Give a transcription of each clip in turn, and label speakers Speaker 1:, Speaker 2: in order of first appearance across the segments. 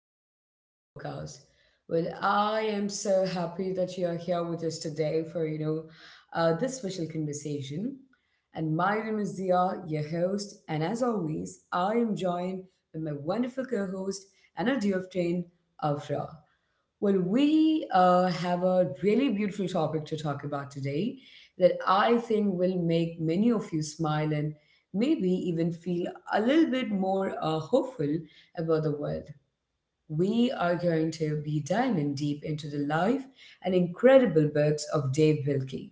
Speaker 1: welcome to our podcast. Well, I am so happy that you are here with us today for this special conversation. And my name is Dia, your host, and as always, I am joined by my wonderful co-host and our dear friend Afra. Well, we have a really beautiful topic to talk about today that I think will make many of you smile and maybe even feel a little bit more hopeful about the world. We are going to be diving deep into the life and incredible books of Dave Wilkie.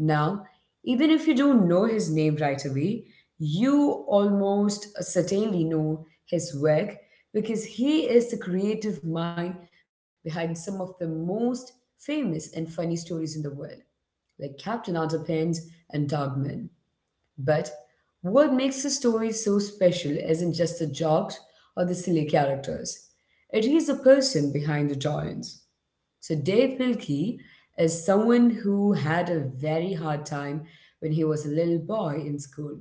Speaker 1: Now, even if you don't know his name right away, you almost certainly know his work because he is the creative mind behind some of the most famous and funny stories in the world, like Captain Underpants and Dogman. But what makes the story so special isn't just the jokes or the silly characters. It is the person behind the giants. So Dave Pilkey is someone who had a very hard time when he was a little boy in school,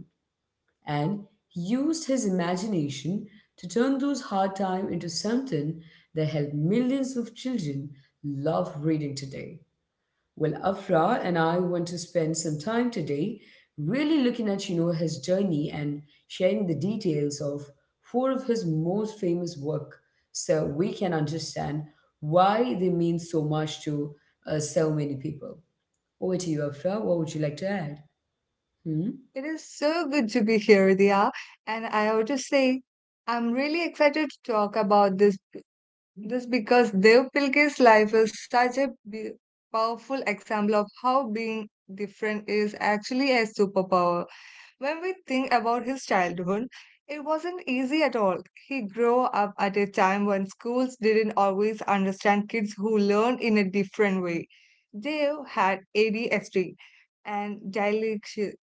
Speaker 1: and he used his imagination to turn those hard times into something that helped millions of children love reading today. Well, Afra and I want to spend some time today really looking at his journey and sharing the details of four of his most famous work so we can understand why they mean so much to so many people. Over to you, Afra. What would you like to add? Hmm?
Speaker 2: It is so good to be here, Dia. And I have to say, I'm really excited to talk about this because Dev Pilkey's life is such a powerful example of how being different is actually a superpower. When we think about his childhood, it wasn't easy at all. He grew up at a time when schools didn't always understand kids who learn in a different way. Dave had ADHD and dyslexia,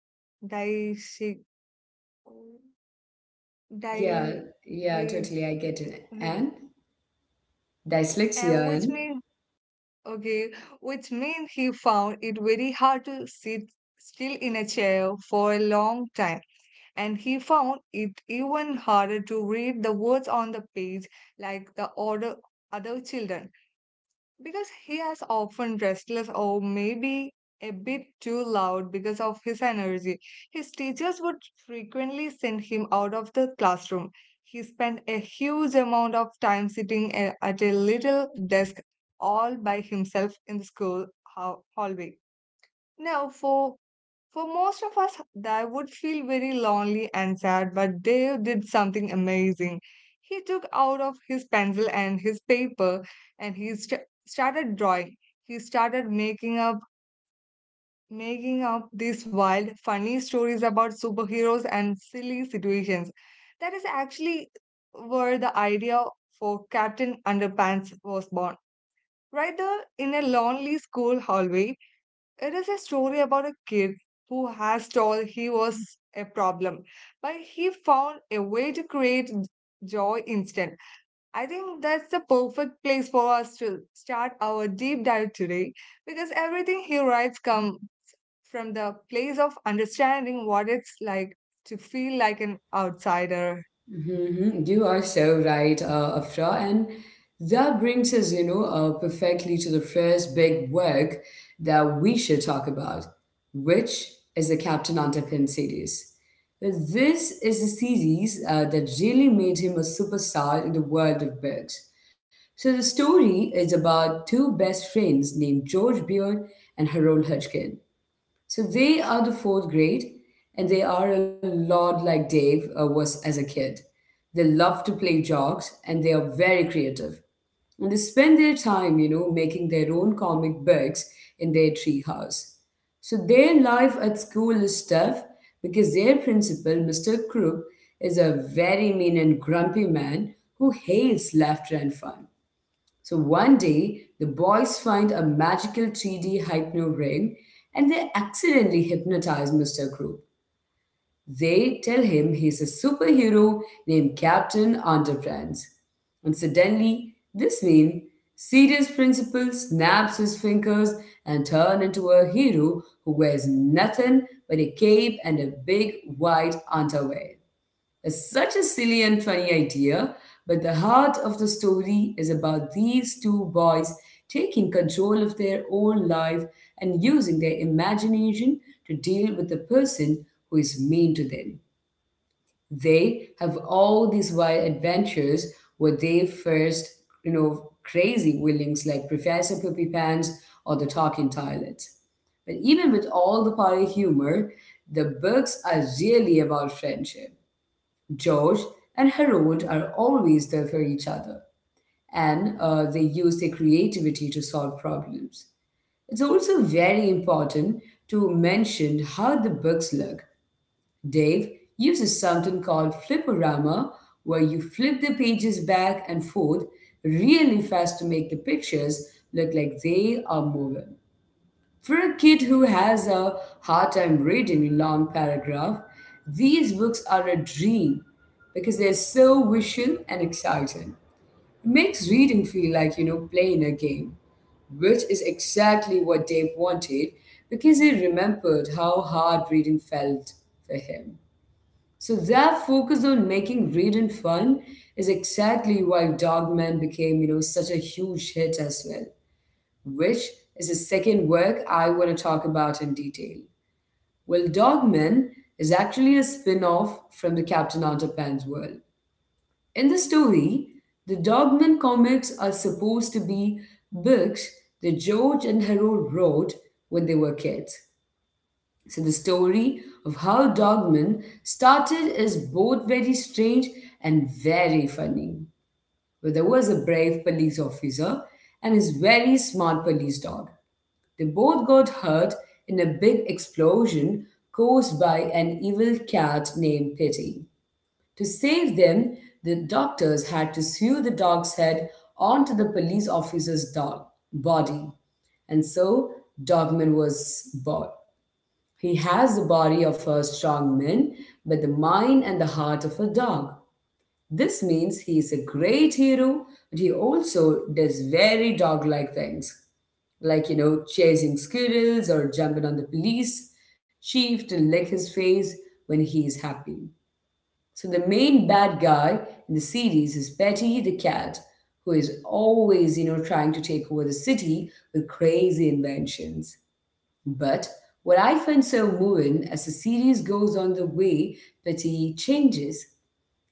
Speaker 2: dyslexia,
Speaker 1: Yeah, yeah,
Speaker 2: dyslexia,
Speaker 1: totally. I get it. And dyslexia,
Speaker 2: and which
Speaker 1: and
Speaker 2: means okay, which means he found it very hard to sit still in a chair for a long time. And he found it even harder to read the words on the page like the order other children, because he is often restless or maybe a bit too loud because of his energy. His teachers would frequently send him out of the classroom. He spent a huge amount of time sitting at a little desk all by himself in the school hallway. Now, for most of us, I would feel very lonely and sad, but Dave did something amazing. He took out of his pencil and his paper, and he started drawing. He started making up these wild, funny stories about superheroes and silly situations. That is actually where the idea for Captain Underpants was born. Right there in a lonely school hallway, it is a story about a kid who has told he was a problem, but he found a way to create joy instant. I think that's the perfect place for us to start our deep dive today, because everything he writes come from the place of understanding what it's like to feel like an outsider.
Speaker 1: mhm. You are so right, Afra. And that brings us perfectly to the first big work that we should talk about, which is the Captain Underpin series. This is the series that really made him a superstar in the world of books. So the story is about two best friends named George Beard and Harold Hodgkin. So they are the fourth grade, and they are a lot like Dave was as a kid. They love to play jokes, and they are very creative. And they spend their time, you know, making their own comic books in their treehouse. So their life at school is tough because their principal, Mr. Krupp, is a very mean and grumpy man who hates laughter and fun. So one day, the boys find a magical 3D hypno ring and they accidentally hypnotize Mr. Crow. They tell him he's a superhero named Captain Enterprise. And suddenly, this mean serious principal snaps his fingers and turn into a hero who wears nothing but a cape and a big white underwear. It's such a silly and funny idea, but the heart of the story is about these two boys taking control of their own life and using their imagination to deal with the person who is mean to them. They have all these wild adventures where they first, you know, crazy villains like Professor Poopy Pants or the Talking Toilet. But even with all the party humor, the books are really about friendship. George and Harold are always there for each other, and they use their creativity to solve problems. It's also very important to mention how the books look. Dave uses something called fliporama, where you flip the pages back and forth really fast to make the pictures look like they are moving. For a kid who has a hard time reading a long paragraph, these books are a dream because they're so visual and exciting. It makes reading feel like, you know, playing a game, which is exactly what Dave wanted because he remembered how hard reading felt for him. So that focus on making reading fun is exactly why Dogman became, you know, such a huge hit as well, which is the second work I want to talk about in detail. Well, Dogman is actually a spin off from the Captain Underpants world. In the story, the Dogman comics are supposed to be books that George and Harold wrote when they were kids. So, the story of how Dogman started is both very strange and very funny. Where there was a brave police officer and his very smart police dog. They both got hurt in a big explosion caused by an evil cat named Pity. To save them, the doctors had to sew the dog's head onto the police officer's dog body. And so Dogman was born. He has the body of a strong man, but the mind and the heart of a dog. This means he is a great hero, but he also does very dog like things like, you know, chasing squirrels or jumping on the police chief to lick his face when he is happy. So the main bad guy in the series is Betty the cat, who is always, you know, trying to take over the city with crazy inventions. But what I find so moving as the series goes on the way Betty changes,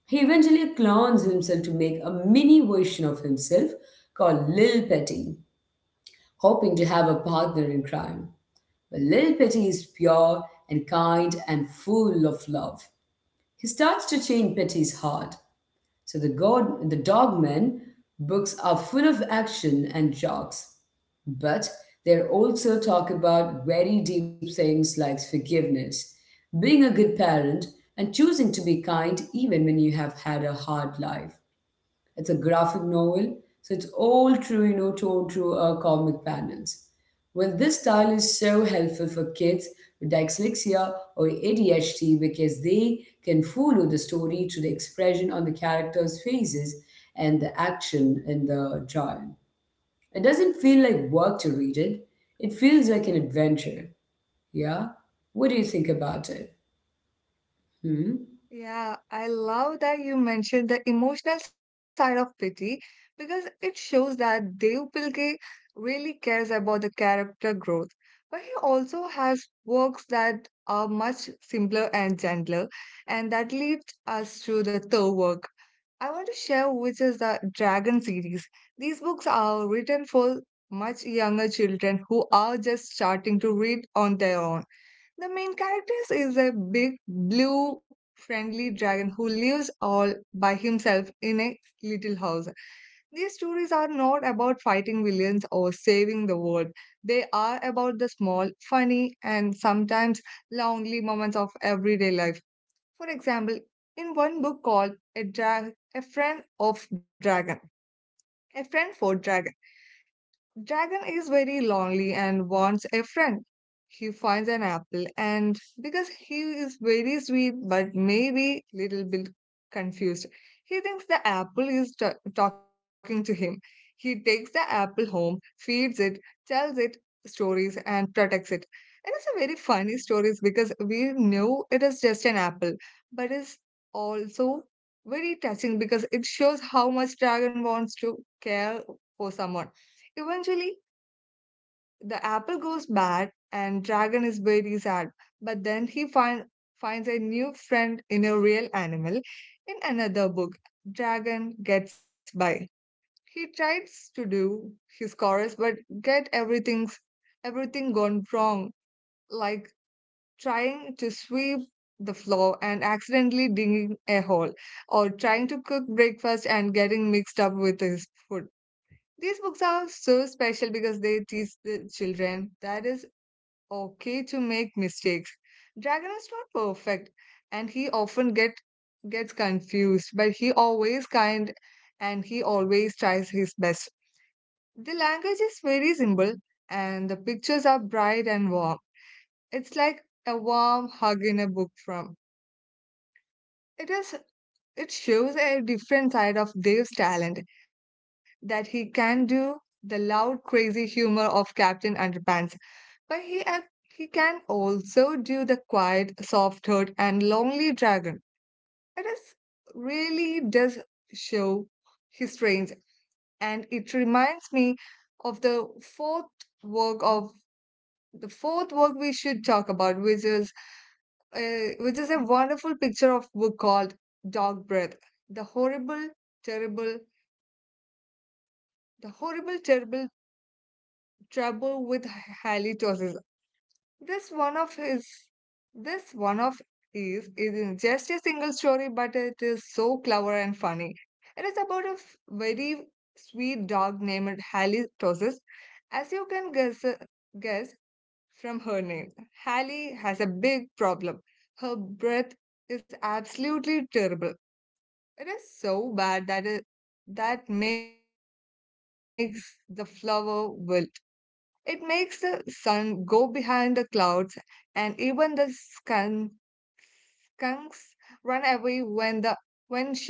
Speaker 1: he eventually clones himself to make a mini version of himself called Lil Petty, hoping to have a partner in crime. But little Petty is pure and kind and full of love. He starts to change Petty's heart. So the Dogmen books are full of action and jokes, but they also talk about very deep things like forgiveness, being a good parent, and choosing to be kind even when you have had a hard life. It's a graphic novel, so it's all true, you know, told through comic panels. Well, this style is so helpful for kids with dyslexia or ADHD because they can follow the story to the expression on the characters' faces and the action in the trial. It doesn't feel like work to read it. It feels like an adventure. Yeah? What do you think about it? Hmm?
Speaker 2: Yeah, I love that you mentioned the emotional side of pity, because it shows that Dev Pilke really cares about the character growth. But he also has works that are much simpler and gentler, and that leads us to the third work I want to share, which is the Dragon series. These books are written for much younger children who are just starting to read on their own. The main characters is a big blue friendly dragon who lives all by himself in a little house. These stories are not about fighting villains or saving the world. They are about the small, funny, and sometimes lonely moments of everyday life. For example, in one book called A Friend for Dragon. Dragon is very lonely and wants a friend. He finds an apple, and because he is very sweet but maybe little bit confused, he thinks the apple is talking to him. He takes the apple home, feeds it, tells it stories, and protects it. It is a very funny stories because we know it is just an apple, but it's also very touching because it shows how much dragon wants to care for someone. Eventually, the apple goes bad and Dragon is very sad, but then he finds a new friend in a real animal. In another book, Dragon gets by. He tries to do his chorus, but get everything's everything gone wrong, like trying to sweep the floor and accidentally digging a hole, or trying to cook breakfast and getting mixed up with his food. These books are so special because they teach the children that it's okay to make mistakes. Dragon is not perfect and he often gets confused, but he always kind and he always tries his best. The language is very simple and the pictures are bright and warm. It's like a warm hug in a book from. It is it shows a different side of Dave's talent, that he can do the loud, crazy humor of Captain Underpants. But he ac- he can also do the quiet, soft heart, and lonely dragon. It is really does show his range, and it reminds me of fourth work of the fourth work we should talk about, which is which is a wonderful picture of book called Dog Breath, the horrible, terrible, the horrible, terrible trouble with halitosis. This one of his, this one of his isn't just a single story, but it is so clever and funny. It is about a very sweet dog named Hallie Tosses. As you can guess, guess from her name, Hallie has a big problem. Her breath is absolutely terrible. It is so bad that makes the flower wilt. It makes the sun go behind the clouds, and even the sky Kunks ran away when she opened her mouth.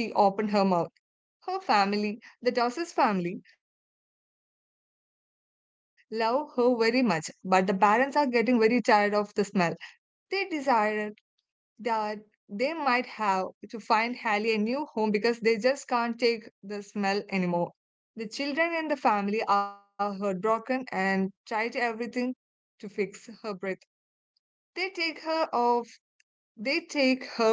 Speaker 2: Her family, the Dawes family, love her very much, but the parents are getting very tired of the smell. They decided that they might have to find Hallie a new home, because they just can't take the smell anymore. The children in the family are heartbroken and tried everything to fix her breath. They take her off. They take her for a breathing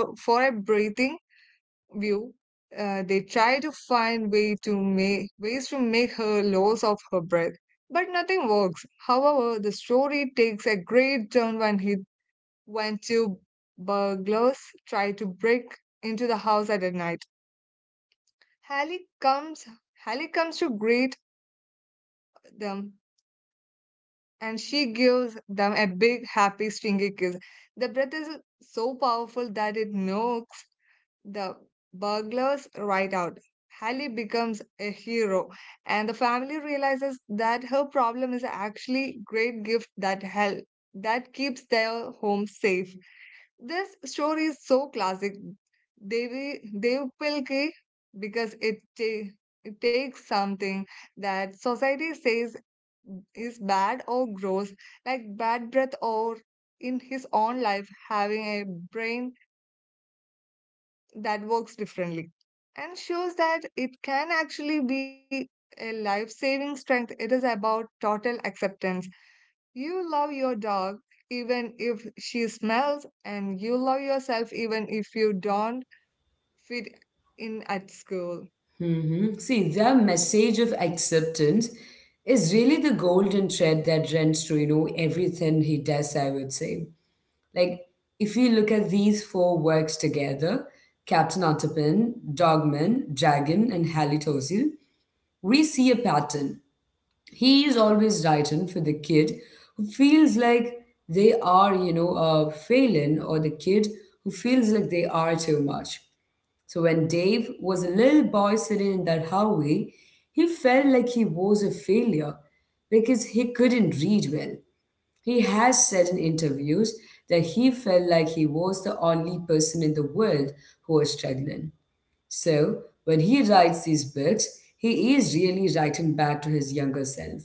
Speaker 2: view. They try to find way to make ways to make her lose of her breath, but nothing works. However, the story takes a great turn when two burglars try to break into the house at night. Hallie comes Hallie comes to greet them, and she gives them a big happy stingy kiss. The breath is so powerful that it knocks the burglars right out. Hallie becomes a hero, and the family realizes that her problem is actually great gift that keeps their home safe. This story is so classic, Dev Pilki, because it takes something that society says is bad or gross, like bad breath, or in his own life having a brain that works differently, and shows that it can actually be a life saving strength. It is about total acceptance. You love your dog even if she smells, and you love yourself even if you don't fit in at school.
Speaker 1: See, their message of acceptance is really the golden thread that runs through, you know, everything he does, I would say. Like, if you look at these four works together, Captain Ottapin, Dogman, Dragon, and Halitosis, we see a pattern he is always writing for the kid who feels like they are, failing, or the kid who feels like they are too much. So when Dave was a little boy sitting in that hallway, he felt like he was a failure because he couldn't read well. He has said in interviews that he felt like he was the only person in the world who was struggling. So when he writes these books, he is really writing back to his younger self.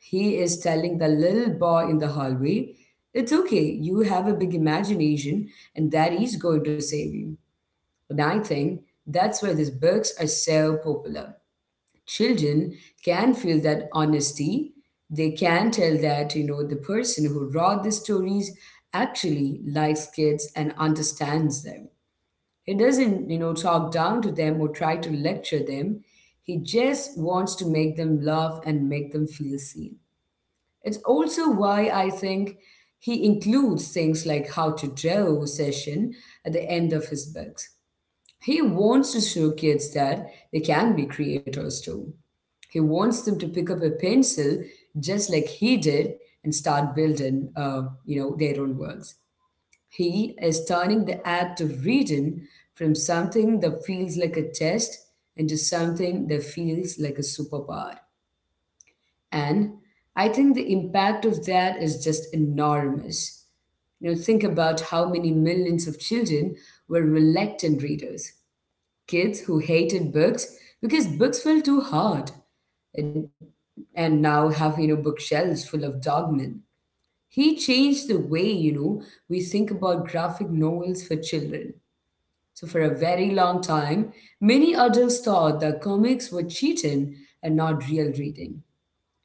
Speaker 1: He is telling the little boy in the hallway, "It's okay, you have a big imagination, and daddy's going to save you." And I think that's why these books are so popular. Children can feel that honesty. They can tell that, you know, the person who wrote the stories actually likes kids and understands them. He doesn't, you know, talk down to them or try to lecture them. He just wants to make them laugh and make them feel seen. It's also why I think he includes things like how to draw session at the end of his books. He wants to show kids that they can be creators too. He wants them to pick up a pencil just like he did and start building, their own worlds. He is turning the act of reading from something that feels like a test into something that feels like a superpower. And I think the impact of that is just enormous. You know, think about how many millions of children were reluctant readers, kids who hated books because books felt too hard, and and now have you know bookshelves full of dogmen. He changed the way you know we think about graphic novels for children. So for a very long time, many adults thought that comics were cheating and not real reading.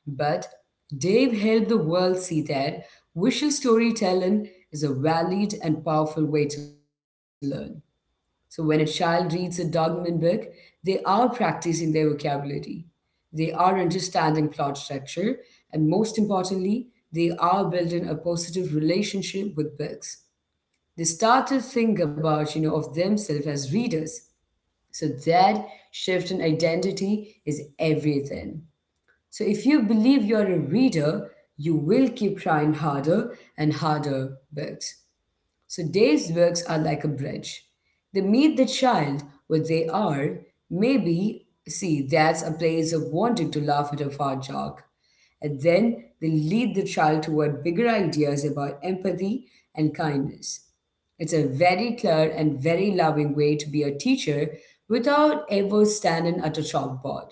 Speaker 1: But Dave helped the world see that visual storytelling is a valid and powerful way to learn. So when a child reads a Dogman book, they are practicing their vocabulary. They are understanding plot structure, and most importantly, they are building a positive relationship with books. They start to think about, you know, of themselves as readers. So that shift in identity is everything. So if you believe you're a reader, you will keep trying harder and harder books. So Dave's books are like a bridge. They meet the child where they are. Maybe, see, that's a place of wanting to laugh at a fart joke. And then they lead the child toward bigger ideas about empathy and kindness. It's a very clear and very loving way to be a teacher without ever standing at a chalkboard.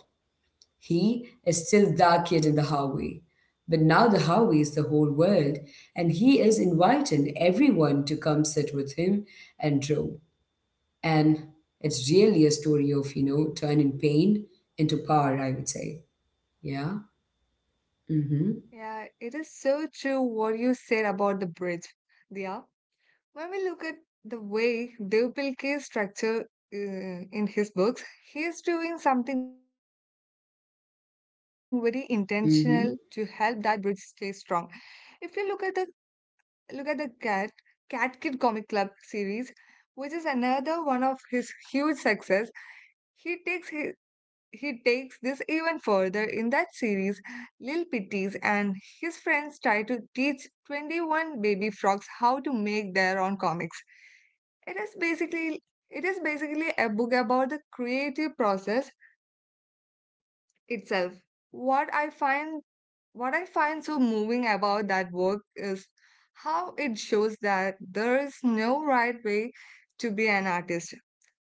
Speaker 1: He is still the kid in the hallway. But now the hallway is the whole world, and he is inviting everyone to come sit with him and draw. And it's really a story of turning pain into power, I would say. Yeah? Mm hmm.
Speaker 2: Yeah, it is so true what you said about the breath, Dia. When we look at the way Devpil is structure in his books, he is doing something very intentional to help that bridge stay
Speaker 1: Mm
Speaker 2: strong.
Speaker 1: hmm.
Speaker 2: If you look at the cat Cat Kid Comic Club series, which is another one of his huge success, he takes hi- he takes this even further in that series. Lil Pitties and his friends try to teach 21 baby frogs how to make their own comics. It is basically it is basically a book about the creative process itself. What I find what I find so moving about that work is how it shows that there is no right way to be an artist.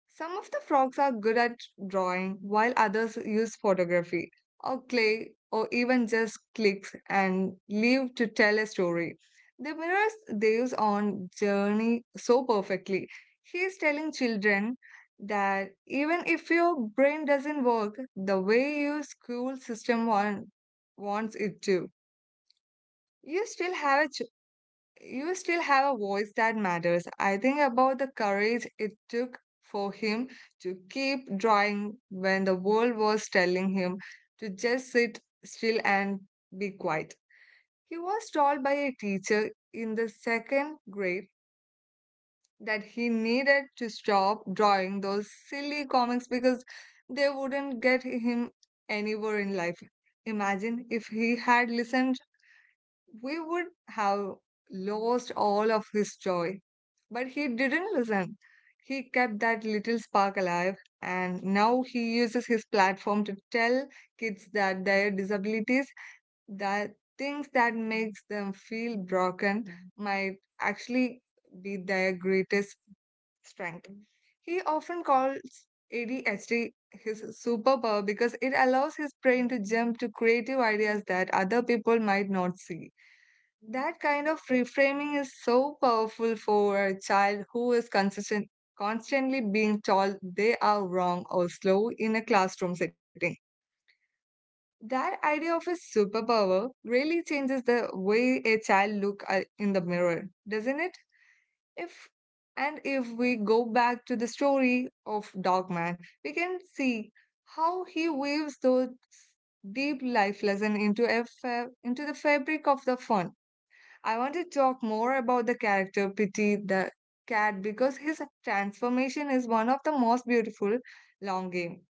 Speaker 2: Some of the frogs are good at drawing, while others use photography or clay or even just clicks and leave to tell a story. The mirrors they use on journey so perfectly. He is telling children that, even if your brain doesn't work the way your school system wants it to, you still have a you still have a voice that matters. I think about the courage it took for him to keep drawing when the world was telling him to just sit still and be quiet. He was told by a teacher in the second grade that he needed to stop drawing those silly comics because they wouldn't get him anywhere in life. Imagine if he had listened, we would have lost all of his joy. But he didn't listen. He kept that little spark alive, and now he uses his platform to tell kids that their disabilities, that things that makes them feel broken, might actually be their greatest strength. He often calls ADHD his superpower because it allows his brain to jump to creative ideas that other people might not see. That kind of reframing is so powerful for a child who is constantly being told they are wrong or slow in a classroom setting. That idea of a superpower really changes the way a child in the mirror, doesn't it? If and if we go back to the story of Dogman, we can see how he weaves those deep life lesson into the fabric of the fun. I want to talk more about the character Pity the cat, because his transformation is one of the most beautiful long game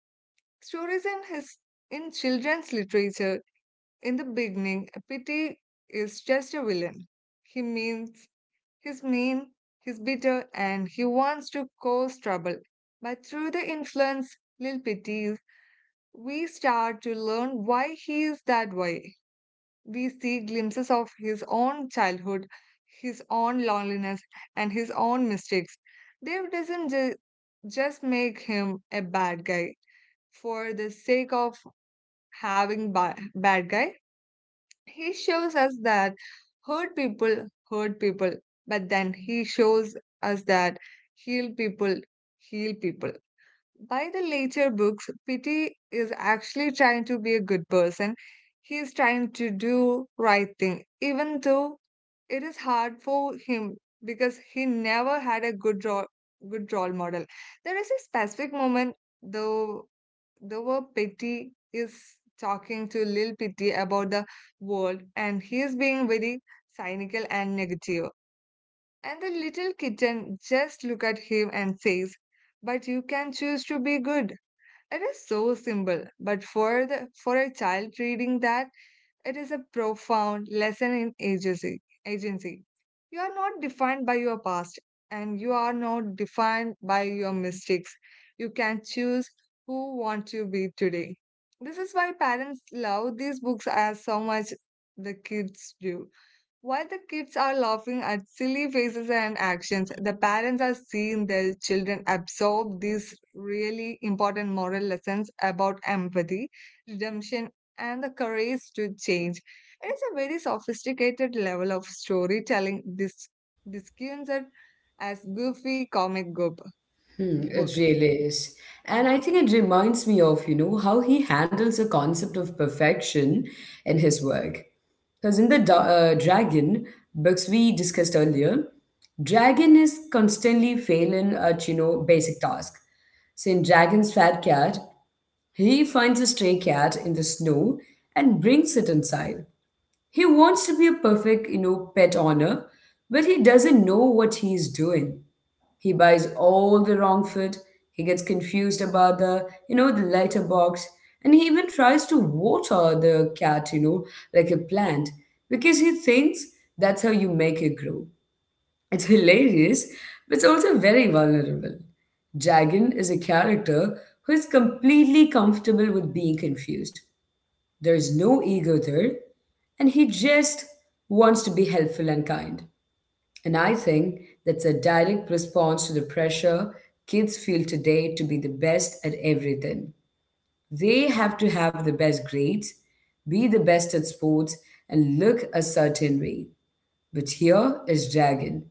Speaker 2: stories in his in children's literature. In the beginning, Pity is just a villain. He means he's mean, he's bitter, and he wants to cause trouble. But through the influence Lil Pity, we start to learn why he is that way. We see glimpses of his own childhood, his own loneliness, and his own mistakes. Dave doesn't ju- just make him a bad guy for the sake of having bad guy. He shows us that hurt people, but then he shows us that heal people heal people. By the later books, Pity is actually trying to be a good person. He's trying to do right thing, even though it is hard for him because he never had a good role model. There is a specific moment though the word Pity is talking to Lil Pity about the world and he is being very cynical and negative. And the little kitten just look at him and says, "But you can choose to be good." It is so simple, but for the for a child reading that, it is a profound lesson in agency. Agency. You are not defined by your past, and you are not defined by your mistakes. You can choose who want to be today. This is why parents love these books as so much the kids do. While the kids are laughing at silly faces and actions, the parents are seeing their children absorb these really important moral lessons about empathy, redemption, and the courage to change. It is a very sophisticated level of storytelling discussed as goofy comic
Speaker 1: Hmm, it
Speaker 2: book.
Speaker 1: really is.
Speaker 2: Yeah.
Speaker 1: And I think it reminds me of how he handles the concept of perfection in his work. Because in the Dragon books we discussed earlier, Dragon is constantly failing at, basic tasks. So in Dragon's Fat Cat, he finds a stray cat in the snow and brings it inside. He wants to be a perfect, pet owner, but he doesn't know what he is doing. He buys all the wrong food. He gets confused about the lighter box. And he even tries to water the cat, like a plant, because he thinks that's how you make it grow. It's hilarious, but it's also very vulnerable. Dragon is a character who is completely comfortable with being confused. There is no ego there, and he just wants to be helpful and kind. And I think that's a direct response to the pressure kids feel today to be the best at everything. They have to have the best grades, be the best at sports, and look a certain way. But here is Dragon,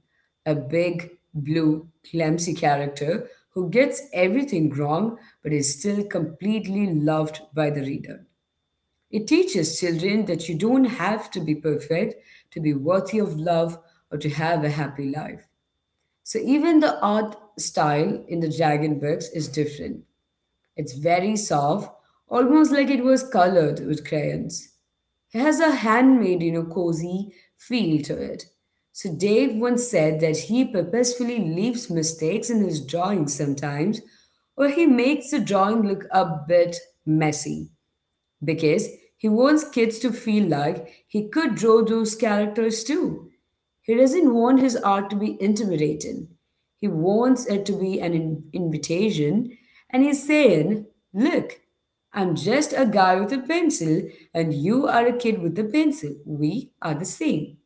Speaker 1: a big, blue, clumsy character who gets everything wrong but is still completely loved by the reader. It teaches children that you don't have to be perfect to be worthy of love or to have a happy life. So even the art style in the Dragon books is different. It's very soft, almost like it was colored with crayons. It has a handmade, cozy feel to it. So Dave once said that he purposefully leaves mistakes in his drawings sometimes, or he makes the drawing look a bit messy because he wants kids to feel like he could draw those characters too. He doesn't want his art to be intimidating. He wants it to be an invitation, and he's saying, "Look, I'm just a guy with a pencil, and you are a kid with a pencil. We are the same."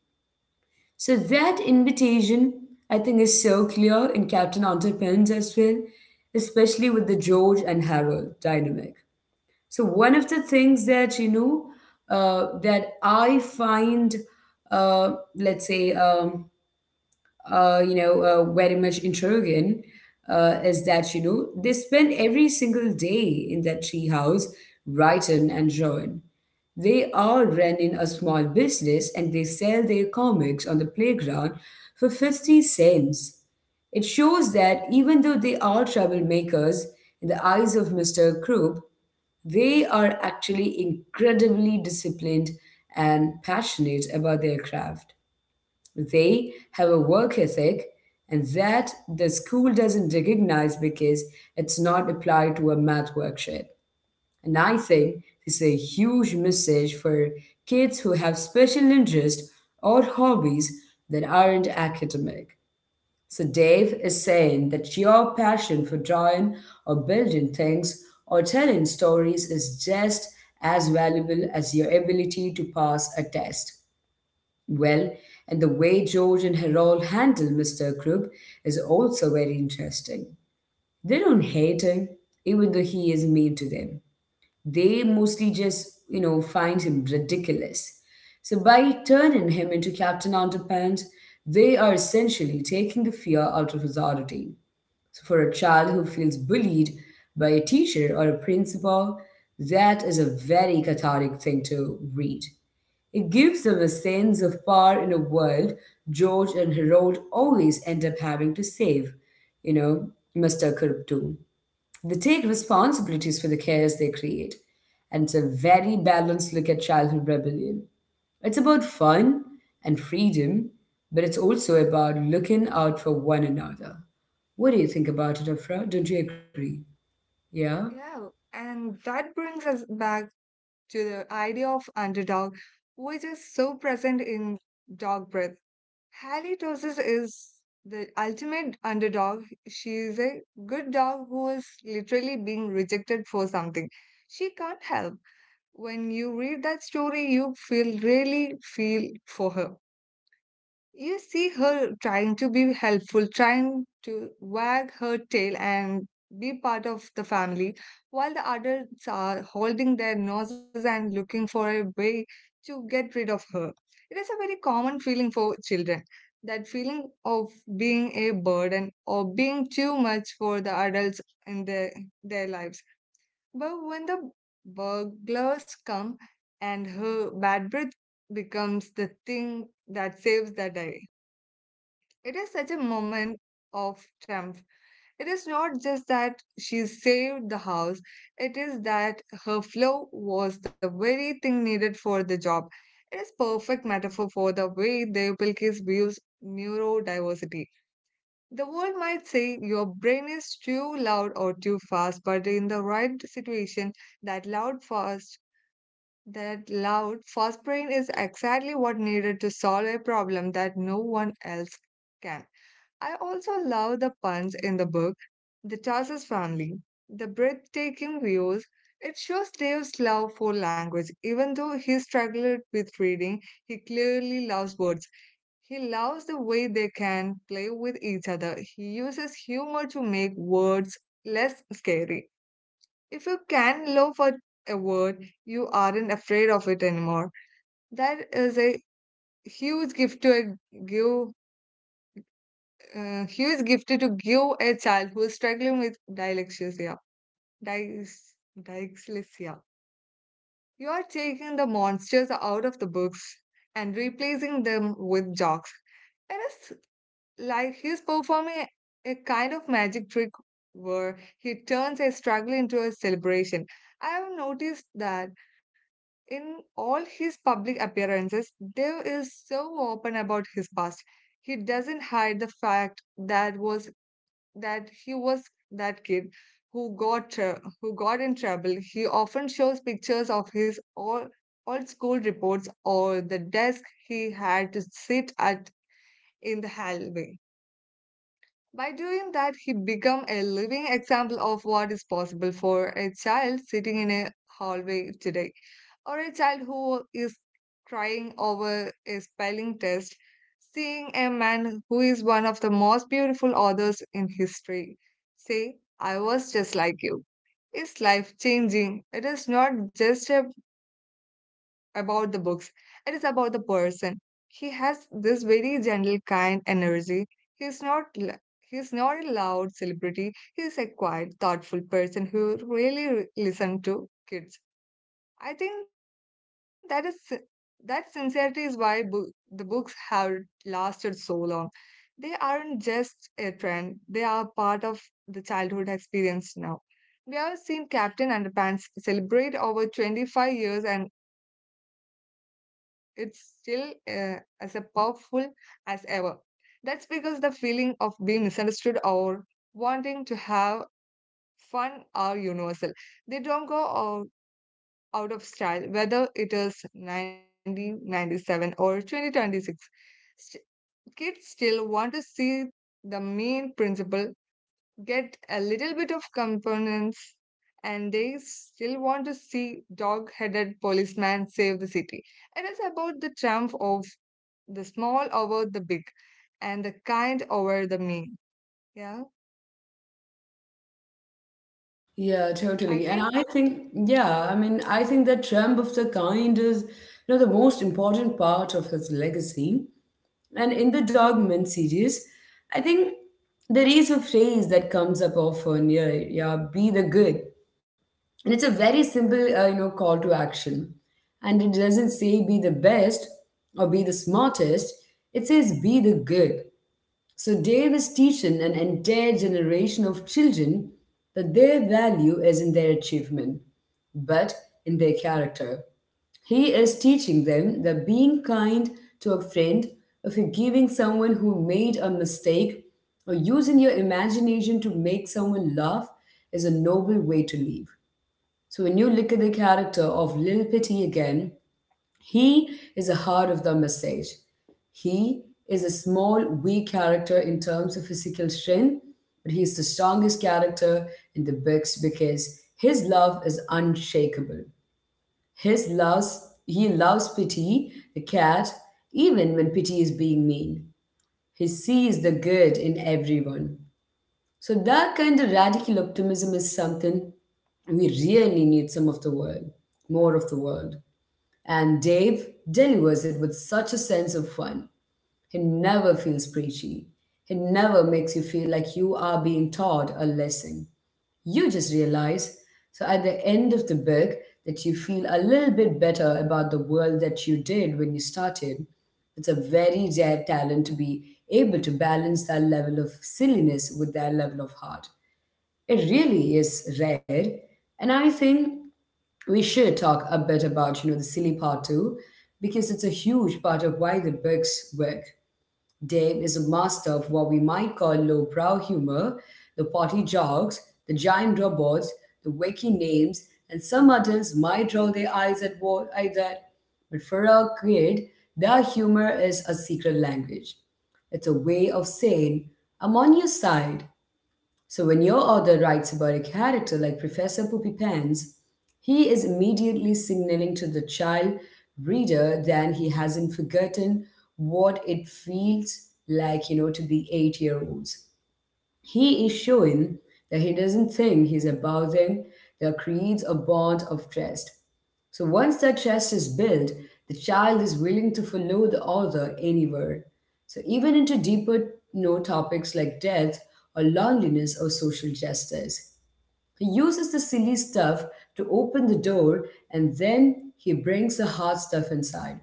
Speaker 1: So that invitation, I think, is so clear in Captain Underpants as well, especially with the George and Harold dynamic. So one of the things that that I find, let's say, very much intriguing is that they spend every single day in that treehouse writing and drawing. They are running a small business and they sell their comics on the playground for 50 cents. It shows that even though they are troublemakers in the eyes of Mr. Krupp, they are actually incredibly disciplined and passionate about their craft. They have a work ethic, and that the school doesn't recognize because it's not applied to a math worksheet. And I think this is a huge message for kids who have special interests or hobbies that aren't academic. So Dave is saying that your passion for drawing or building things or telling stories is just as valuable as your ability to pass a test. Well, and the way George and Harold handle Mr. Krupp is also very interesting. They don't hate him, even though he is mean to them. They mostly just, find him ridiculous. So by turning him into Captain Underpants, they are essentially taking the fear out of his authority. So for a child who feels bullied by a teacher or a principal, that is a very cathartic thing to read. It gives them a sense of power in a world George and Harold always end up having to save, you know, Mr. Kirptu. They take responsibilities for the chaos they create. And it's a very balanced look at childhood rebellion. It's about fun and freedom, but it's also about looking out for one another. What do you think about it, Afra? Don't you agree? Yeah?
Speaker 2: yeah, and that brings us back to the idea of underdog, which is so present in Dog Breath. Halitosis is the ultimate underdog. She is a good dog who is literally being rejected for something she can't help. When you read that story, you feel really feel for her. You see her trying to be helpful, trying to wag her tail and be part of the family, while the adults are holding their noses and looking for a way to get rid of her. It is a very common feeling for children. That feeling of being a burden or being too much for the adults in their lives. But when the burglars come and her bad breath becomes the thing that saves the day, it is such a moment of triumph. It is not just that she saved the house, it is that her flow was the very thing needed for the job. It is perfect metaphor for the way Devpilkis views neurodiversity. The world might say your brain is too loud or too fast, but in the right situation, that loud fast that loud fast brain is exactly what needed to solve a problem that no one else can. I also love the puns in the book, the Tarsus family, the breathtaking views. It shows Dave's love for language. Even though he struggled with reading, he clearly loves words. He loves the way they can play with each other. He uses humor to make words less scary. If you can love at a word, you aren't afraid of it anymore. That is a huge gift to a, give huge gifted to give a child who is struggling with dyslexia. Dys- Dyslexia. You are taking the monsters out of the books and replacing them with jokes. It is like he's performing a kind of magic trick where he turns a struggle into a celebration. I have noticed that in all his public appearances, Dave is so open about his past. He doesn't hide the fact that he was that kid who got in trouble. He often shows pictures of his old school reports or the desk he had to sit at in the hallway. By doing that, he became a living example of what is possible for a child sitting in a hallway today, or a child who is crying over a spelling test, seeing a man who is one of the most beautiful authors in history say, "I was just like you" is life changing. It is not just about the books, it is about the person. He has this very gentle, kind energy. He is not. l- He is not a loud celebrity. He is a quiet, thoughtful person who really listens to kids. I think that is that sincerity is why the books have lasted so long. They aren't just a trend; they are part of the childhood experience now. We have seen Captain Underpants celebrate over 25 years, and it's still as a powerful as ever. That's because the feeling of being misunderstood or wanting to have fun are universal. They don't go out of style, whether it is 1997 or 2026. St- Kids still want to see the main principle get a little bit of components, and they still want to see dog headed policeman save the city. It is about the triumph of the small over the big and the kind over the mean. Yeah,
Speaker 1: Yeah, totally. And
Speaker 2: I
Speaker 1: I think,
Speaker 2: think
Speaker 1: yeah, I mean, I think that Trump of the kind is, the most important part of his legacy. And in the Dog Men series, I think there is a phrase that comes up often, yeah, yeah be the good. And it's a very simple, call to action. And it doesn't say be the best or be the smartest. It says be the good. So Dave is teaching an entire generation of children that their value is in their achievement, but in their character. He is teaching them that being kind to a friend, or forgiving someone who made a mistake, or using your imagination to make someone laugh is a noble way to live. So when you look at the character of Lil Pity again, he is the heart of the message. He is a small, weak character in terms of physical strength, but he is the strongest character in the books because his love is unshakable. His loves, he loves pity, the cat, even when pity is being mean. He sees the good in everyone. So that kind of radical optimism is something we really need some of the world, more of the world. And Dave delivers it with such a sense of fun. He never feels preachy. He never makes you feel like you are being taught a lesson. You just realize, so at the end of the book, that you feel a little bit better about the world that you did when you started. It's a very rare talent to be able to balance that level of silliness with that level of heart. It really is rare. And I think we should talk a bit about, the silly part too, because it's a huge part of why the books work. Dave is a master of what we might call lowbrow humor, the potty jokes, the giant robots, the wacky names, and some adults might roll their eyes at what I did. But for a kid, their humor is a secret language. It's a way of saying, "I'm on your side." So when your author writes about a character like Professor Poopy Pants, he is immediately signaling to the child reader that he hasn't forgotten what it feels like, to be 8 year olds. He is showing that he doesn't think he's above them, that creates a bond of trust. So once that trust is built, the child is willing to follow the author anywhere. So even into deeper topics like death or loneliness or social justice. He uses the silly stuff to open the door and then he brings the hard stuff inside.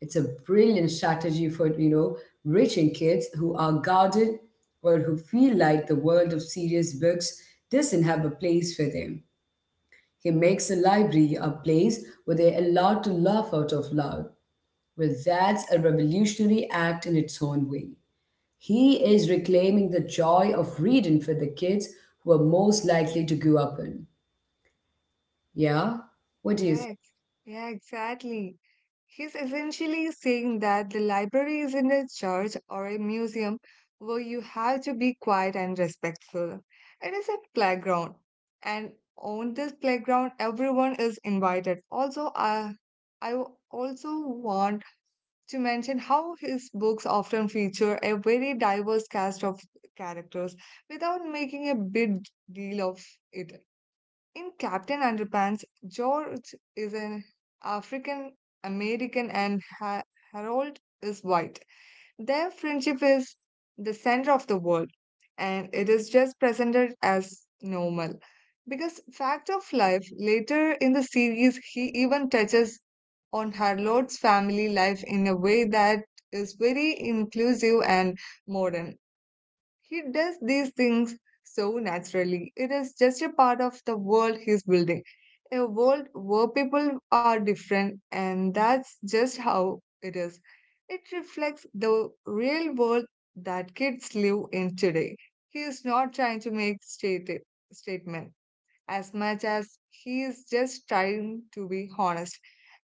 Speaker 1: It's a brilliant strategy for, reaching kids who are guarded or who feel like the world of serious books doesn't have a place for them. He makes a library a place where they're allowed to laugh out of loud. Well, that's a revolutionary act in its own way. He is reclaiming the joy of reading for the kids who are most likely to grow up in. Yeah? What do you
Speaker 2: Yeah,
Speaker 1: think?
Speaker 2: ex- yeah, exactly. He's essentially saying that the library isn't a church or a museum where you have to be quiet and respectful. It is a playground. And on this playground, everyone is invited. Also, also want to mention how his books often feature a very diverse cast of characters without making a big deal of it. In Captain Underpants, George is an African American and Harold is white. Their friendship is the center of the world and it is just presented as normal. Because fact of life, later in the series, he even touches on Harold's family life in a way that is very inclusive and modern. He does these things so naturally. It is just a part of the world he's building. A world where people are different, and that's just how it is. It reflects the real world that kids live in today. He is not trying to make statement as much as he is just trying to be honest.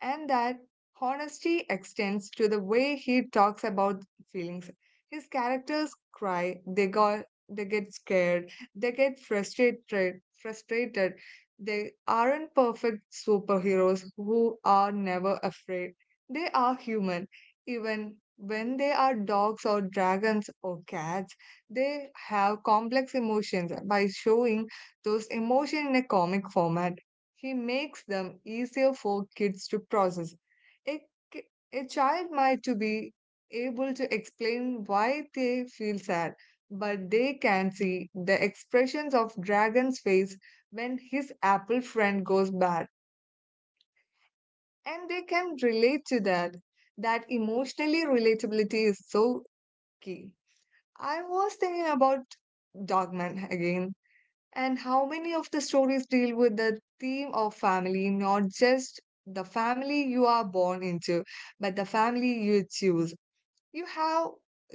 Speaker 2: And that honesty extends to the way he talks about feelings his characters cry, they get scared, they get frustrated. They aren't perfect superheroes who are never afraid. They are human. Even when they are dogs or dragons or cats, they have complex emotions. By showing those emotions in a comic format, he makes them easier for kids to process. A, ki- a child might to be able to explain why they feel sad, but they can see the expressions of Dragon's face when his apple friend goes bad, and they can relate to that. That emotionally relatability is so key. I was thinking about Dogman again and how many of the stories deal with the theme of family, not just the family you are born into, but the family you choose you have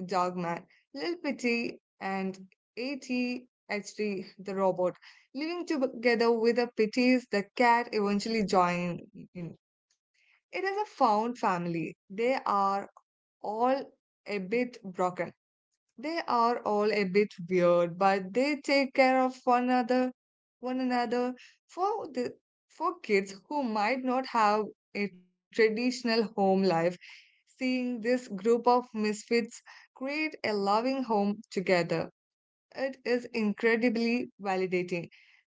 Speaker 2: Dogman, Lil Pity, and ATHD, the robot, living together with the Pitties the cat eventually join in. It is a found family. They are all a bit broken, they are all a bit weird, but they take care of one another for the for kids who might not have a traditional home life. Seeing this group of misfits create a loving home together, it is incredibly validating.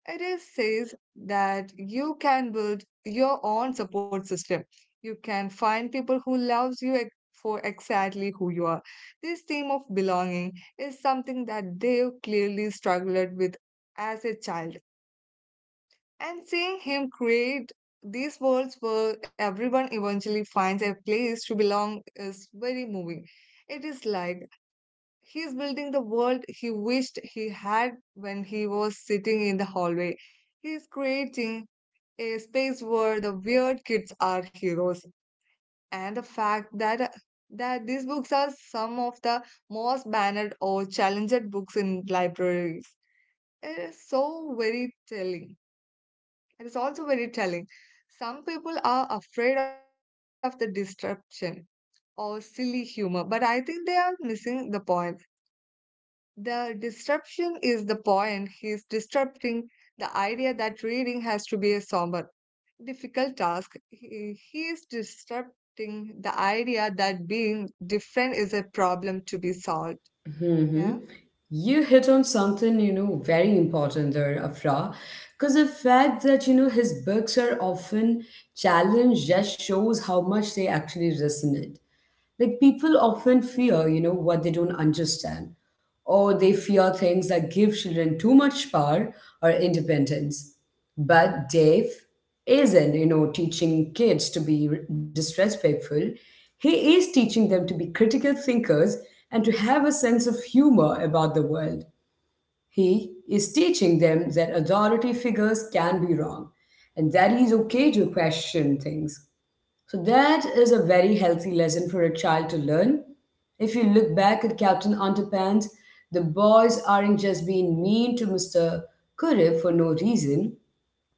Speaker 2: It is says that you can build your own support system. You can find people who loves you for exactly who you are. This theme of belonging is something that Dave clearly struggled with as a child. And seeing him create these worlds where everyone eventually finds a place to belong is very moving. It is like he is building the world he wished he had when he was sitting in the hallway. He is creating a space where the weird kids are heroes and the fact that that these books are some of the most banned or challenged books in libraries it is very telling it is also very telling some people are afraid of the disruption or silly humor but I think they are missing the point. The disruption is the point. He is disrupting the idea that reading has to be a somber difficult task. He is disrupting the idea that being different is a problem to be solved. Yeah.
Speaker 1: Hmm. You hit on something, very important there, Afra, because the fact that, his books are often challenged just shows how much they actually resonate. Like people often fear, what they don't understand, or they fear things that give children too much power or independence. But Dave isn't, teaching kids to be disrespectful. He is teaching them to be critical thinkers and to have a sense of humor about the world. He is teaching them that authority figures can be wrong and that it's okay to question things. So that is a very healthy lesson for a child to learn. If you look back at Captain Underpants, the boys aren't just being mean to Mr. Kurif for no reason.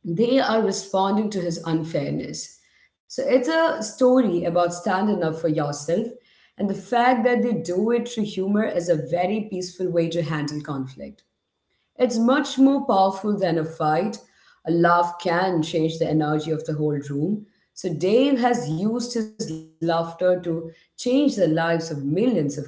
Speaker 1: They are responding to his unfairness. So it's a story about standing up for yourself, and the fact that they do it through humor is a very peaceful way to handle conflict. It's much more powerful than a fight. A laugh can change the energy of the whole room. So Dave has used his laughter to change the lives of millions of kids.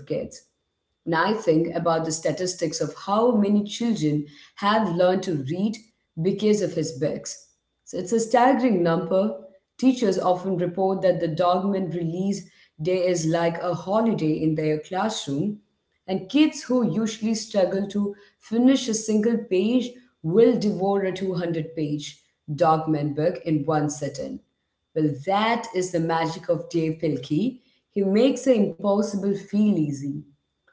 Speaker 1: And I think about the statistics of how many children have learned to read because of his books. So it's a staggering number. Teachers often report that the Dogman release day is like a holiday in their classroom and kids who usually struggle to finish a single page will devour a 200-page Dogman book in one sitting. Well, that is the magic of Dave Pilkey. He makes the impossible feel easy.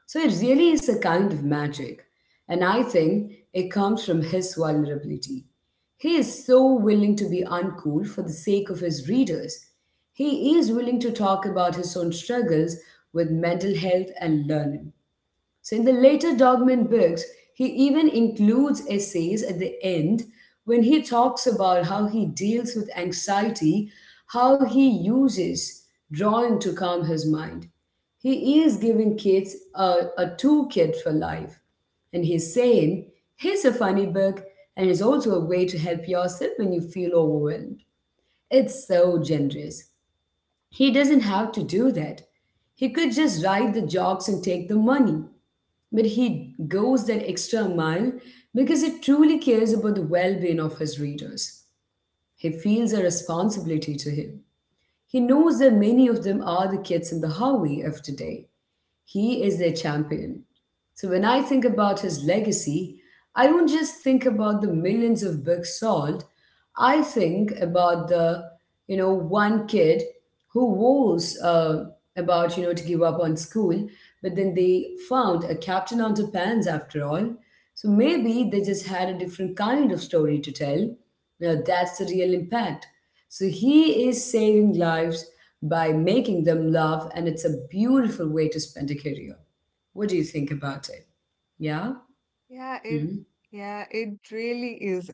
Speaker 1: So it really is a kind of magic. And I think it comes from his vulnerability. He is so willing to be uncool for the sake of his readers. He is willing to talk about his own struggles with mental health and learning. So in the later Dogman books, he even includes essays at the end when he talks about how he deals with anxiety, how he uses drawing to calm his mind. He is giving kids a toolkit for life. And he's saying, here's a funny book, and it's also a way to help yourself when you feel overwhelmed. It's so generous. He doesn't have to do that. He could just write the jokes and take the money. But he goes that extra mile because he truly cares about the well being of his readers. He feels a responsibility to him. He knows that many of them are the kids in the highway of today. He is their champion. So when I think about his legacy, I don't just think about the millions of books sold. I think about one kid who was about, to give up on school, but then they found a captain underpants after all. So maybe they just had a different kind of story to tell. Now that's the real impact. So he is saving lives by making them love, and it's a beautiful way to spend a career. What do you think about it? Yeah?
Speaker 2: Yeah, it
Speaker 1: Hmm.
Speaker 2: yeah, it really is.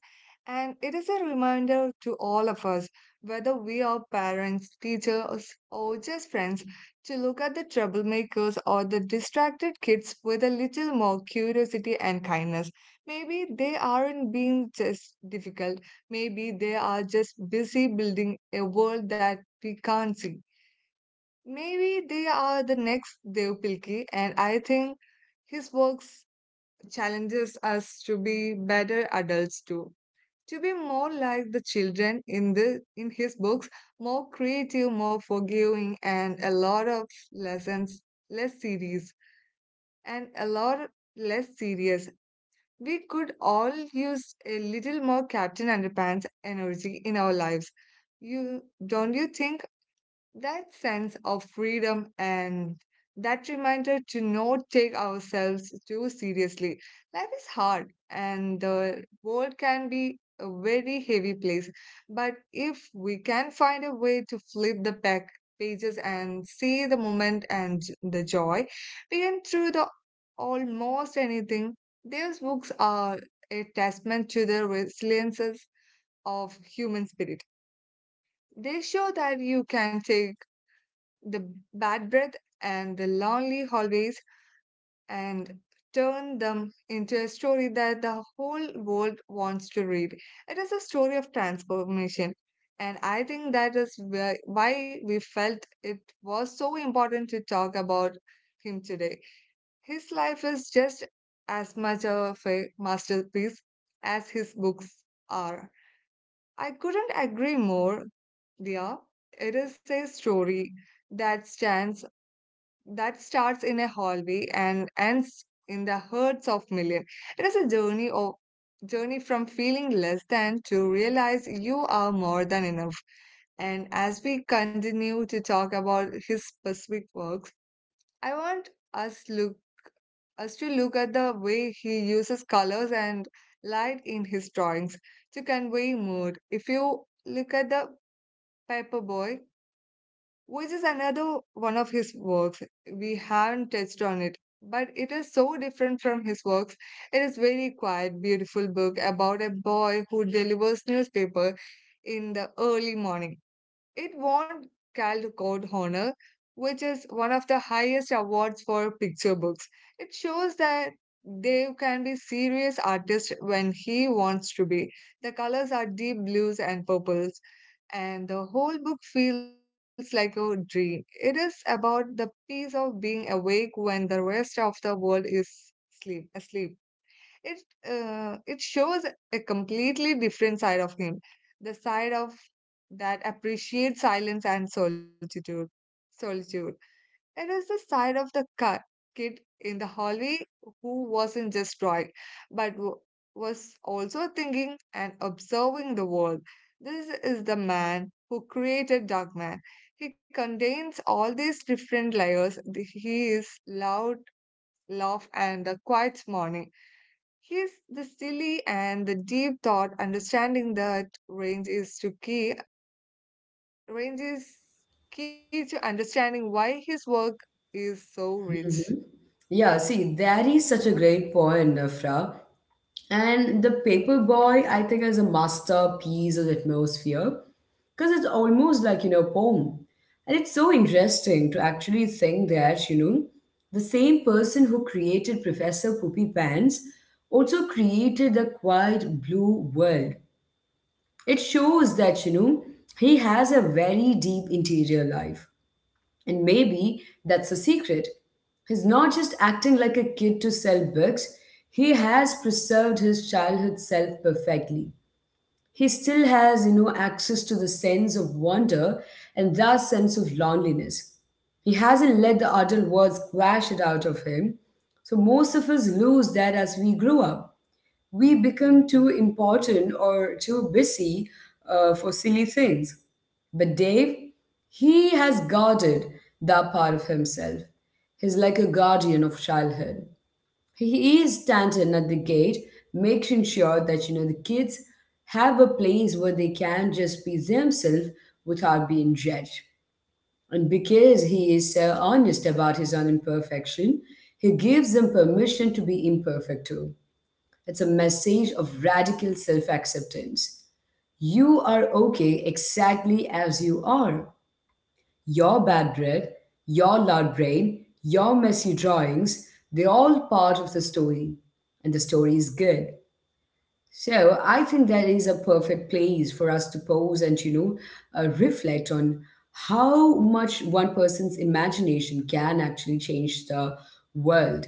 Speaker 2: And it is a reminder to all of us, whether we are parents, teachers, or just friends, to look at the troublemakers or the distracted kids with a little more curiosity and kindness. Maybe they aren't being just difficult. Maybe they are just busy building a world that we can't see. Maybe they are the next Dev Pilki, and I think his work challenges us to be better adults too. To be more like the children in the in his books, more creative, more forgiving, and lessons less serious a lot less serious. We could all use a little more Captain Underpants energy in our lives. You don't you think? That sense of freedom and that reminder to not take ourselves too seriously. Life is hard and the world can be a very heavy place. But if we can find a way to flip the back pages and see the moment and the joy, we can through the almost anything. These books are a testament to the resiliences of human spirit. They show that you can take the bad breath and the lonely hallways and turn them into a story that the whole world wants to read. It is a story of transformation. And I think that is why we felt it was so important to talk about him today. His life is just as much of a masterpiece as his books are. I couldn't agree more, Dia. It is a story that stands that starts in a hallway and ends in the herds of millions. It is a journey from feeling less than to realize you are more than enough. And as we continue to talk about his specific works, I want us look us to look at the way he uses colors and light in his drawings to convey mood. If you look at the paper boy, which is another one of his works. We haven't touched on it, but it is so different from his works. It is very quiet, beautiful book about a boy who delivers newspaper in the early morning. It won Caldecott Honor, which is one of the highest awards for picture books. It shows that Dev can be serious artist when he wants to be. The colors are deep blues and purples, and the whole book feels like a dream. It is about the peace of being awake when the rest of the world is asleep. It uh, it shows a completely different side of him, the side of that appreciates silence and solitude. It is the side of the kid in the hallway who wasn't just drawing but was also thinking and observing the world. This is the man who created Darkman. He contains all these different layers. He is loud, love, and the quiet morning. He's the silly and the deep thought understanding that range is key to understanding why his work is so rich.
Speaker 1: Yeah, see, that is such a
Speaker 2: Huh?
Speaker 1: great point, Nafra. And the paperboy, I think, is a masterpiece of atmosphere because it's almost like, poem. And it's so interesting to actually think that, the same person who created Professor Poopy Pants also created the quiet blue world. It shows that, he has a very deep interior life. And maybe that's the secret. He's not just acting like a kid to sell books, he has preserved his childhood self perfectly. He still has, access to the sense of wonder and that sense of loneliness. He hasn't let the adult world squash it out of him. So most of us lose that as we grow up. We become too important or too busy for silly things. But Dave, he has guarded that part of himself. He's like a guardian of childhood. He is standing at the gate, making sure that the kids have a place where they can just be themselves without being judged. And because he is so honest about his own imperfection, he gives them permission to be imperfect too. It's a message of radical self acceptance. You are okay exactly as you are. Your bad breath, your loud brain, your messy drawings, they're all part of the story. And the story is good. So I think that is a perfect place for us to pause and, reflect on how much one person's imagination can actually change the world.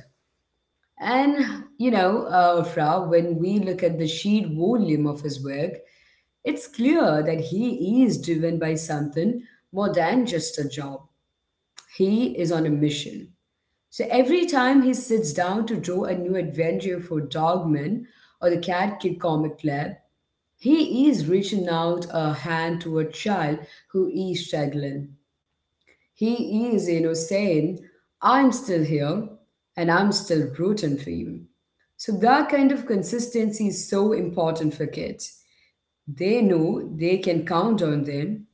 Speaker 1: And, Afra, when we look at the sheer volume of his work, it's clear that he is driven by something more than just a job. He is on a mission. So every time he sits down to draw a new adventure for Dogman or the Cat Kid Comic Club, he is reaching out a hand to a child who is struggling. He is, saying, I'm still here and I'm still rooting for you. So that kind of consistency is so important for kids. They know they can count on them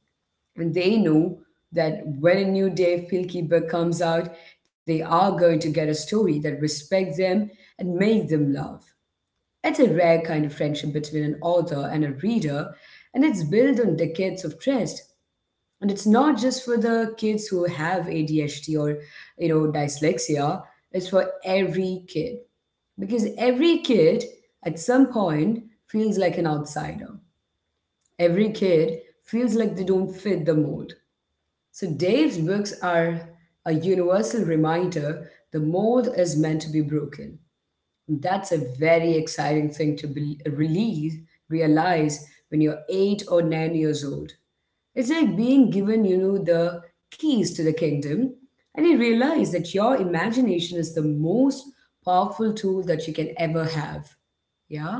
Speaker 1: and they know that when a new Dave Pilkey book comes out, they are going to get a story that respects them and makes them laugh. It's a rare kind of friendship between an author and a reader, and it's built on decades of trust. And it's not just for the kids who have ADHD or dyslexia. It's for every kid, because every kid at some point feels like an outsider. Every kid feels like they don't fit the mold. So Dave's books are a universal reminder: the mold is meant to be broken. That's a very exciting thing to be, release realize when you're 8 or 9 years old. It's like being given, the keys to the kingdom, and you realize that your imagination is the most powerful tool that you can ever have. Yeah?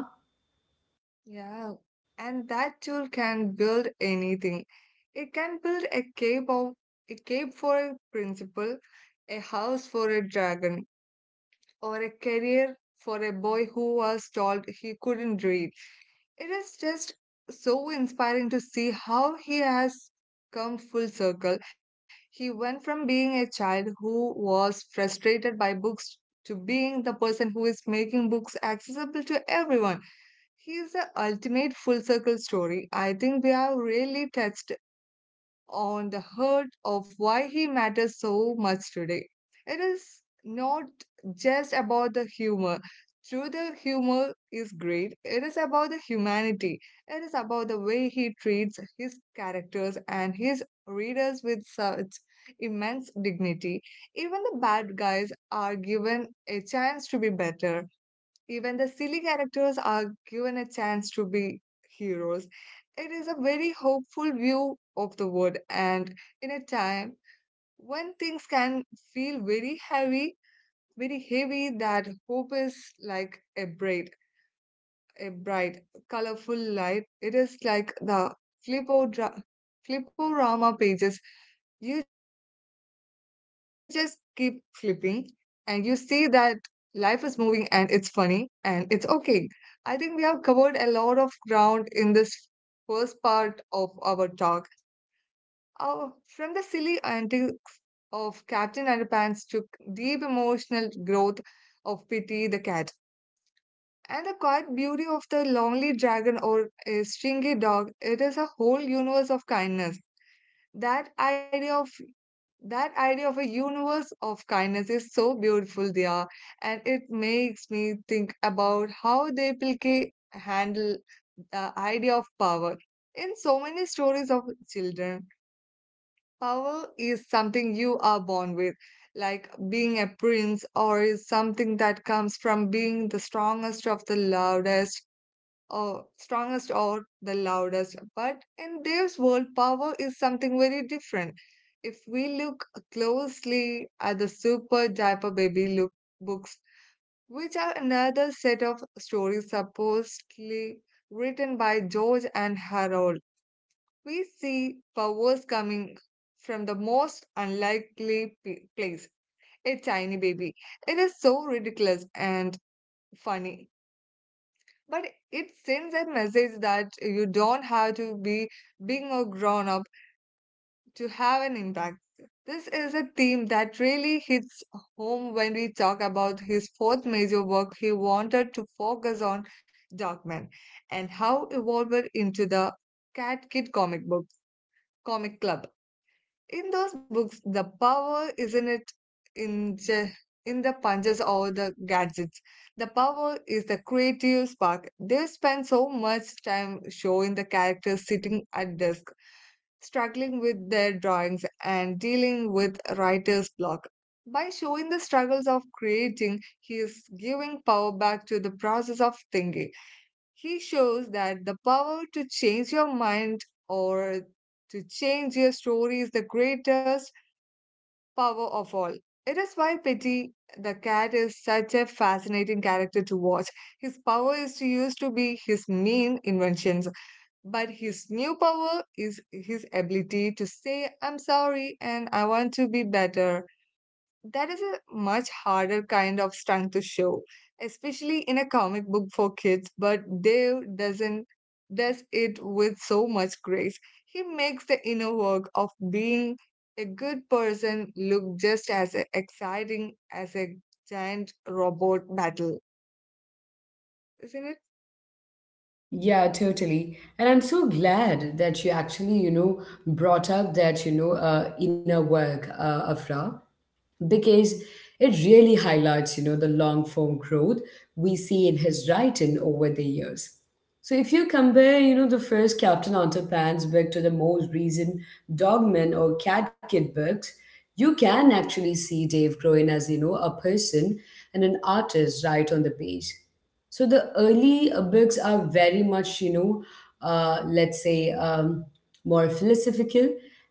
Speaker 2: Yeah. And that tool can build anything. It can build a cave for a principal, a house for a dragon, or a career for a boy who was told he couldn't read. It is just so inspiring to see how he has come full circle. He went from being a child who was frustrated by books to being the person who is making books accessible to everyone. He is the ultimate full circle story. I think we have really touched on the heart of why he matters so much today. It is not just about the humor. Through the humor is great. It is about the humanity. It is about the way he treats his characters and his readers with such immense dignity. Even the bad guys are given a chance to be better, even the silly characters are given a chance to be heroes. It is a very hopeful view of the world, and in a time when things can feel very heavy, that hope is like a bright, colorful light. It is like the flipo dra- fliporama pages. You just keep flipping and you see that life is moving and it's funny and it's okay. I think we have covered a lot of ground in this first part of our talk. Uh, from the silly antics of Captain Underpants to deep emotional growth of Pity the cat. And the quiet beauty of the lonely dragon or a stringy dog, it is a whole universe of kindness. That idea of that idea of a universe of kindness is so beautiful, Dia, and it makes me think about how they Pilke handle the idea of power. In so many stories of children, power is something you are born with, like being a prince, or is something that comes from being the strongest of the loudest, strongest or the loudest. But in this world, power is something very different. If we look closely at the Super Diaper Baby look books, which are another set of stories supposedly written by George and Harold, we see powers coming from the most unlikely place, a tiny baby. It is so ridiculous and funny, but it sends a message that you don't have to be big or grown up to have an impact. This is a theme that really hits home when we talk about his fourth major work he wanted to focus on, Darkman, and how evolved into the Cat Kid comic club. In those books, the power isn't it in ju- in the punches or the gadgets. The power is the creative spark. They spend so much time showing the characters sitting at desk, struggling with their drawings and dealing with writer's block. By showing the struggles of creating, he is giving power back to the process of thinking. He shows that the power to change your mind or to change your story is the greatest power of all. It is why Petty the cat is such a fascinating character to watch. His power is used to be his mean inventions, but his new power is his ability to say, I'm sorry and I want to be better. That is a much harder kind of stunt to show, especially in a comic book for kids, but Dave doesn't does it with so much grace. He makes the inner work of being a good person look just as exciting as a giant robot battle, isn't it?
Speaker 1: Yeah, totally. And I'm so glad that you actually, brought up that, inner work, Afra. Because it really highlights the long form growth we see in his writing over the years. So if you compare the first captain underpants book to the most recent dogman or cat kid books, you can actually see dave growing as a person and an artist right on the page. So the early books are very much let's say more philosophical.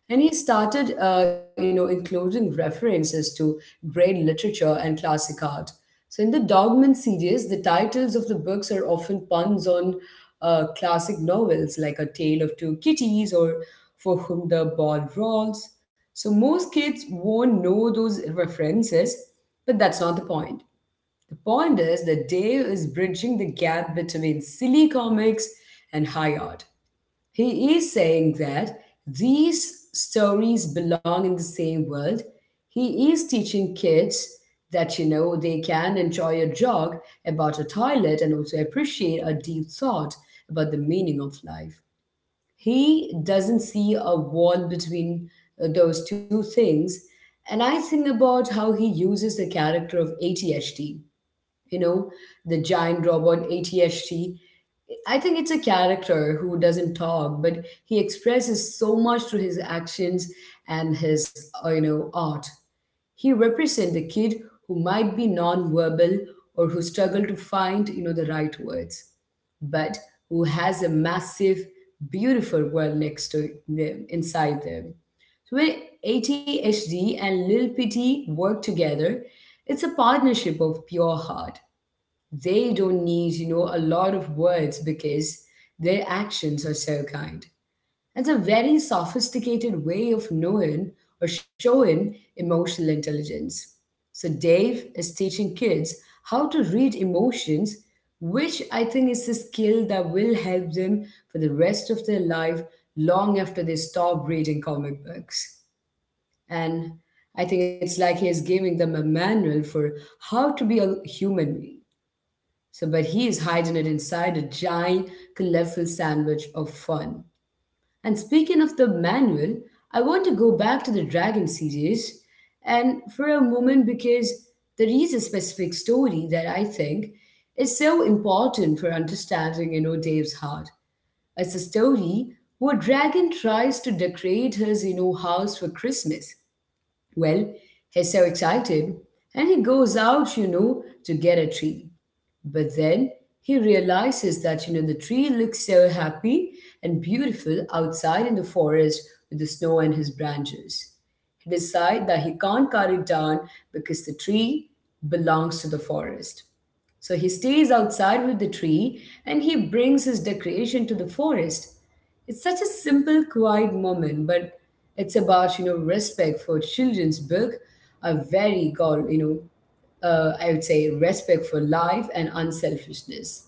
Speaker 1: And he started including references to great literature and classic art. So in the dogman series the titles of the books are often puns on classic novels like a tale of two kitties or for whom the ball rolls. So most kids won't know those references, but that's not the point. The point is that dave is bridging the gap between silly comics and high art. He is saying that these stories belong in the same world. He is teaching kids that, they can enjoy a jog about a toilet and also appreciate a deep thought about the meaning of life. He doesn't see a wall between those two things. And I think about how he uses the character of ATHT, you know, the giant robot ATHT. I think it's a character who doesn't talk, but he expresses so much through his actions and his art. He represents the kid who might be non-verbal or who struggle to find, the right words, but who has a massive, beautiful world next to them, inside them. So when ATHD and Lil Pity work together, it's a partnership of pure heart. They don't need, a lot of words because their actions are so kind. It's a very sophisticated way of knowing or showing emotional intelligence. So Dave is teaching kids how to read emotions, which I think is a skill that will help them for the rest of their life long after they stop reading comic books. And I think it's like he is giving them a manual for how to be a human. So, but he is hiding it inside a giant, colorful sandwich of fun. And speaking of the manual, I want to go back to the Dragon series and for a moment because there is a specific story that I think is so important for understanding, Dave's heart. It's a story where Dragon tries to decorate his, house for Christmas. Well, he's so excited and he goes out, to get a tree. But then he realizes that, the tree looks so happy and beautiful outside in the forest with the snow and his branches. He decides that he can't cut it down because the tree belongs to the forest. So he stays outside with the tree and he brings his decoration to the forest. It's such a simple, quiet moment, but it's about respect for children's book, a very called I would say respect for life and unselfishness.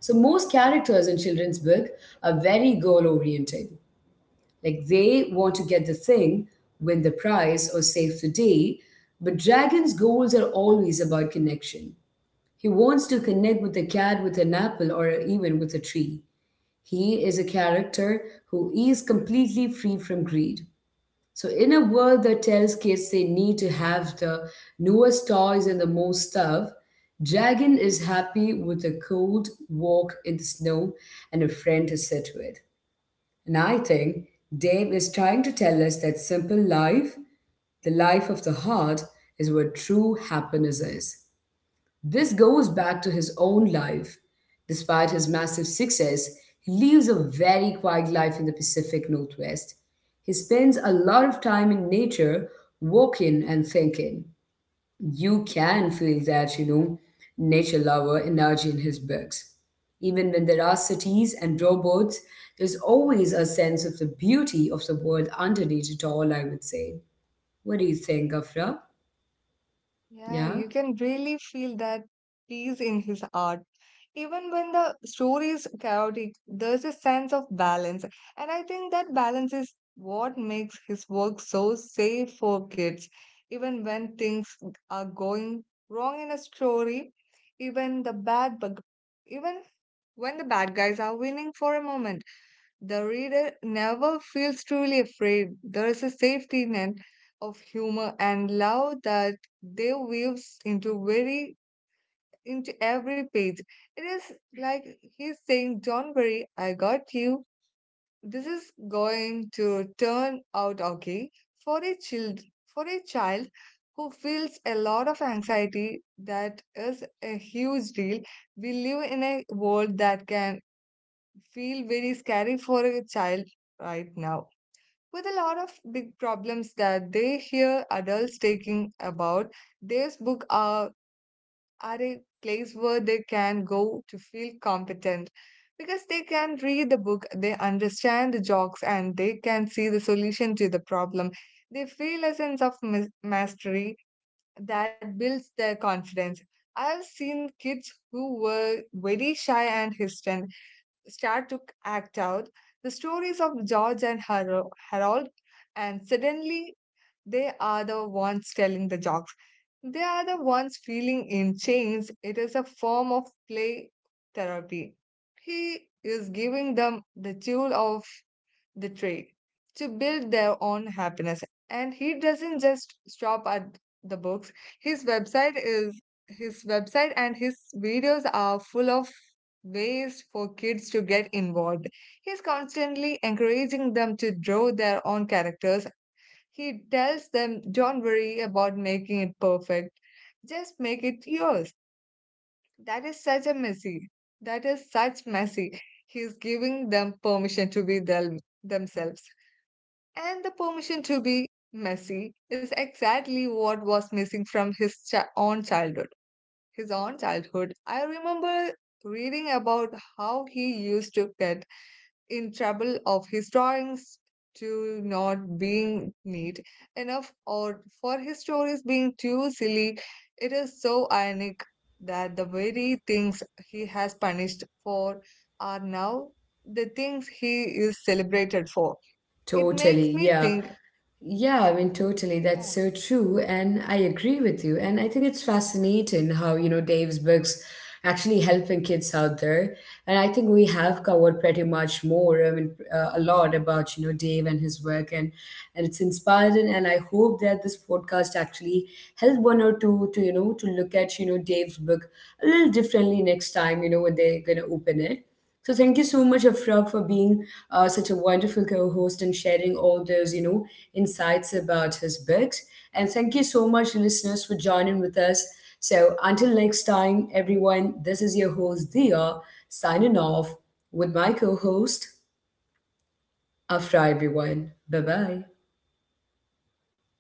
Speaker 1: So most characters in children's book are very goal oriented, like they want to get the thing, win the prize, or save the day. But Dragon's goals are always about connection. He wants to connect with a cat with an apple or even with a tree. He is a character who is completely free from greed. So, in a world that tells kids they need to have the newest toys and the most stuff, Dragon is happy with a cold walk in the snow and a friend to sit with. And I think Dave is trying to tell us that simple life, the life of the heart, is where true happiness is. This goes back to his own life. Despite his massive success, he lives a very quiet life in the Pacific Northwest. He spends a lot of time in nature, walking and thinking. You can feel that, nature lover energy in his books. Even when there are cities and robots, there's always a sense of the beauty of the world underneath it all, I would say. What do you think, Afra?
Speaker 2: Yeah,
Speaker 1: Yeah?
Speaker 2: you can really feel that peace in his art. Even when the story is chaotic, there's a sense of balance. And I think that balance is what makes his work so safe for kids. Even when things are going wrong in a story, even the bad bug, even when the bad guys are winning for a moment, the reader never feels truly afraid. There is a safety net of humor and love that they weaves into every page. It is like he's saying, "Don't worry, I got you. This is going to turn out okay." For a child, for a child who feels a lot of anxiety, that is a huge deal. We live in a world that can feel very scary for a child right now, with a lot of big problems that they hear adults taking about. This book are a place where they can go to feel competent, because they can read the book, they understand the jokes and they can see the solution to the problem. They feel a sense of mastery that builds their confidence. I've seen kids who were very shy and hesitant start to act out the stories of George and Harold, and suddenly they are the ones telling the jokes. They are the ones feeling in chains. It is a form of play therapy. He is giving them the tool of the trade to build their own happiness. And he doesn't just stop at the books. His website is his website and his videos are full of ways for kids to get involved. He's constantly encouraging them to draw their own characters. He tells them, don't worry about making it perfect. Just make it yours. That is such a messy. That is such messy. He's giving them permission to be themselves. And the permission to be messy is exactly what was missing from his own childhood. His own childhood. I remember reading about how he used to get in trouble of his drawings to not being neat enough or for his stories being too silly. It is so ironic that the very things he has punished for are now the things he is celebrated for. It makes
Speaker 1: Totally,
Speaker 2: me
Speaker 1: yeah.
Speaker 2: think
Speaker 1: Yeah, I mean, totally.
Speaker 2: yeah.
Speaker 1: That's so true. And I agree with you. And I think it's fascinating how, Dave's books actually helping kids out there. And I think we have covered pretty much more, I mean, a lot about, Dave and his work. And it's inspiring. And I hope that this podcast actually helped one or two to, to look at, Dave's book a little differently next time, when they're going to open it. So thank you so much, Afra, for being such a wonderful co-host and sharing all those, insights about his books. And thank you so much, listeners, for joining with us. So until next time, everyone, this is your host, Dia, signing off with my co-host, Afra, everyone. Bye-bye.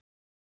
Speaker 2: Bye.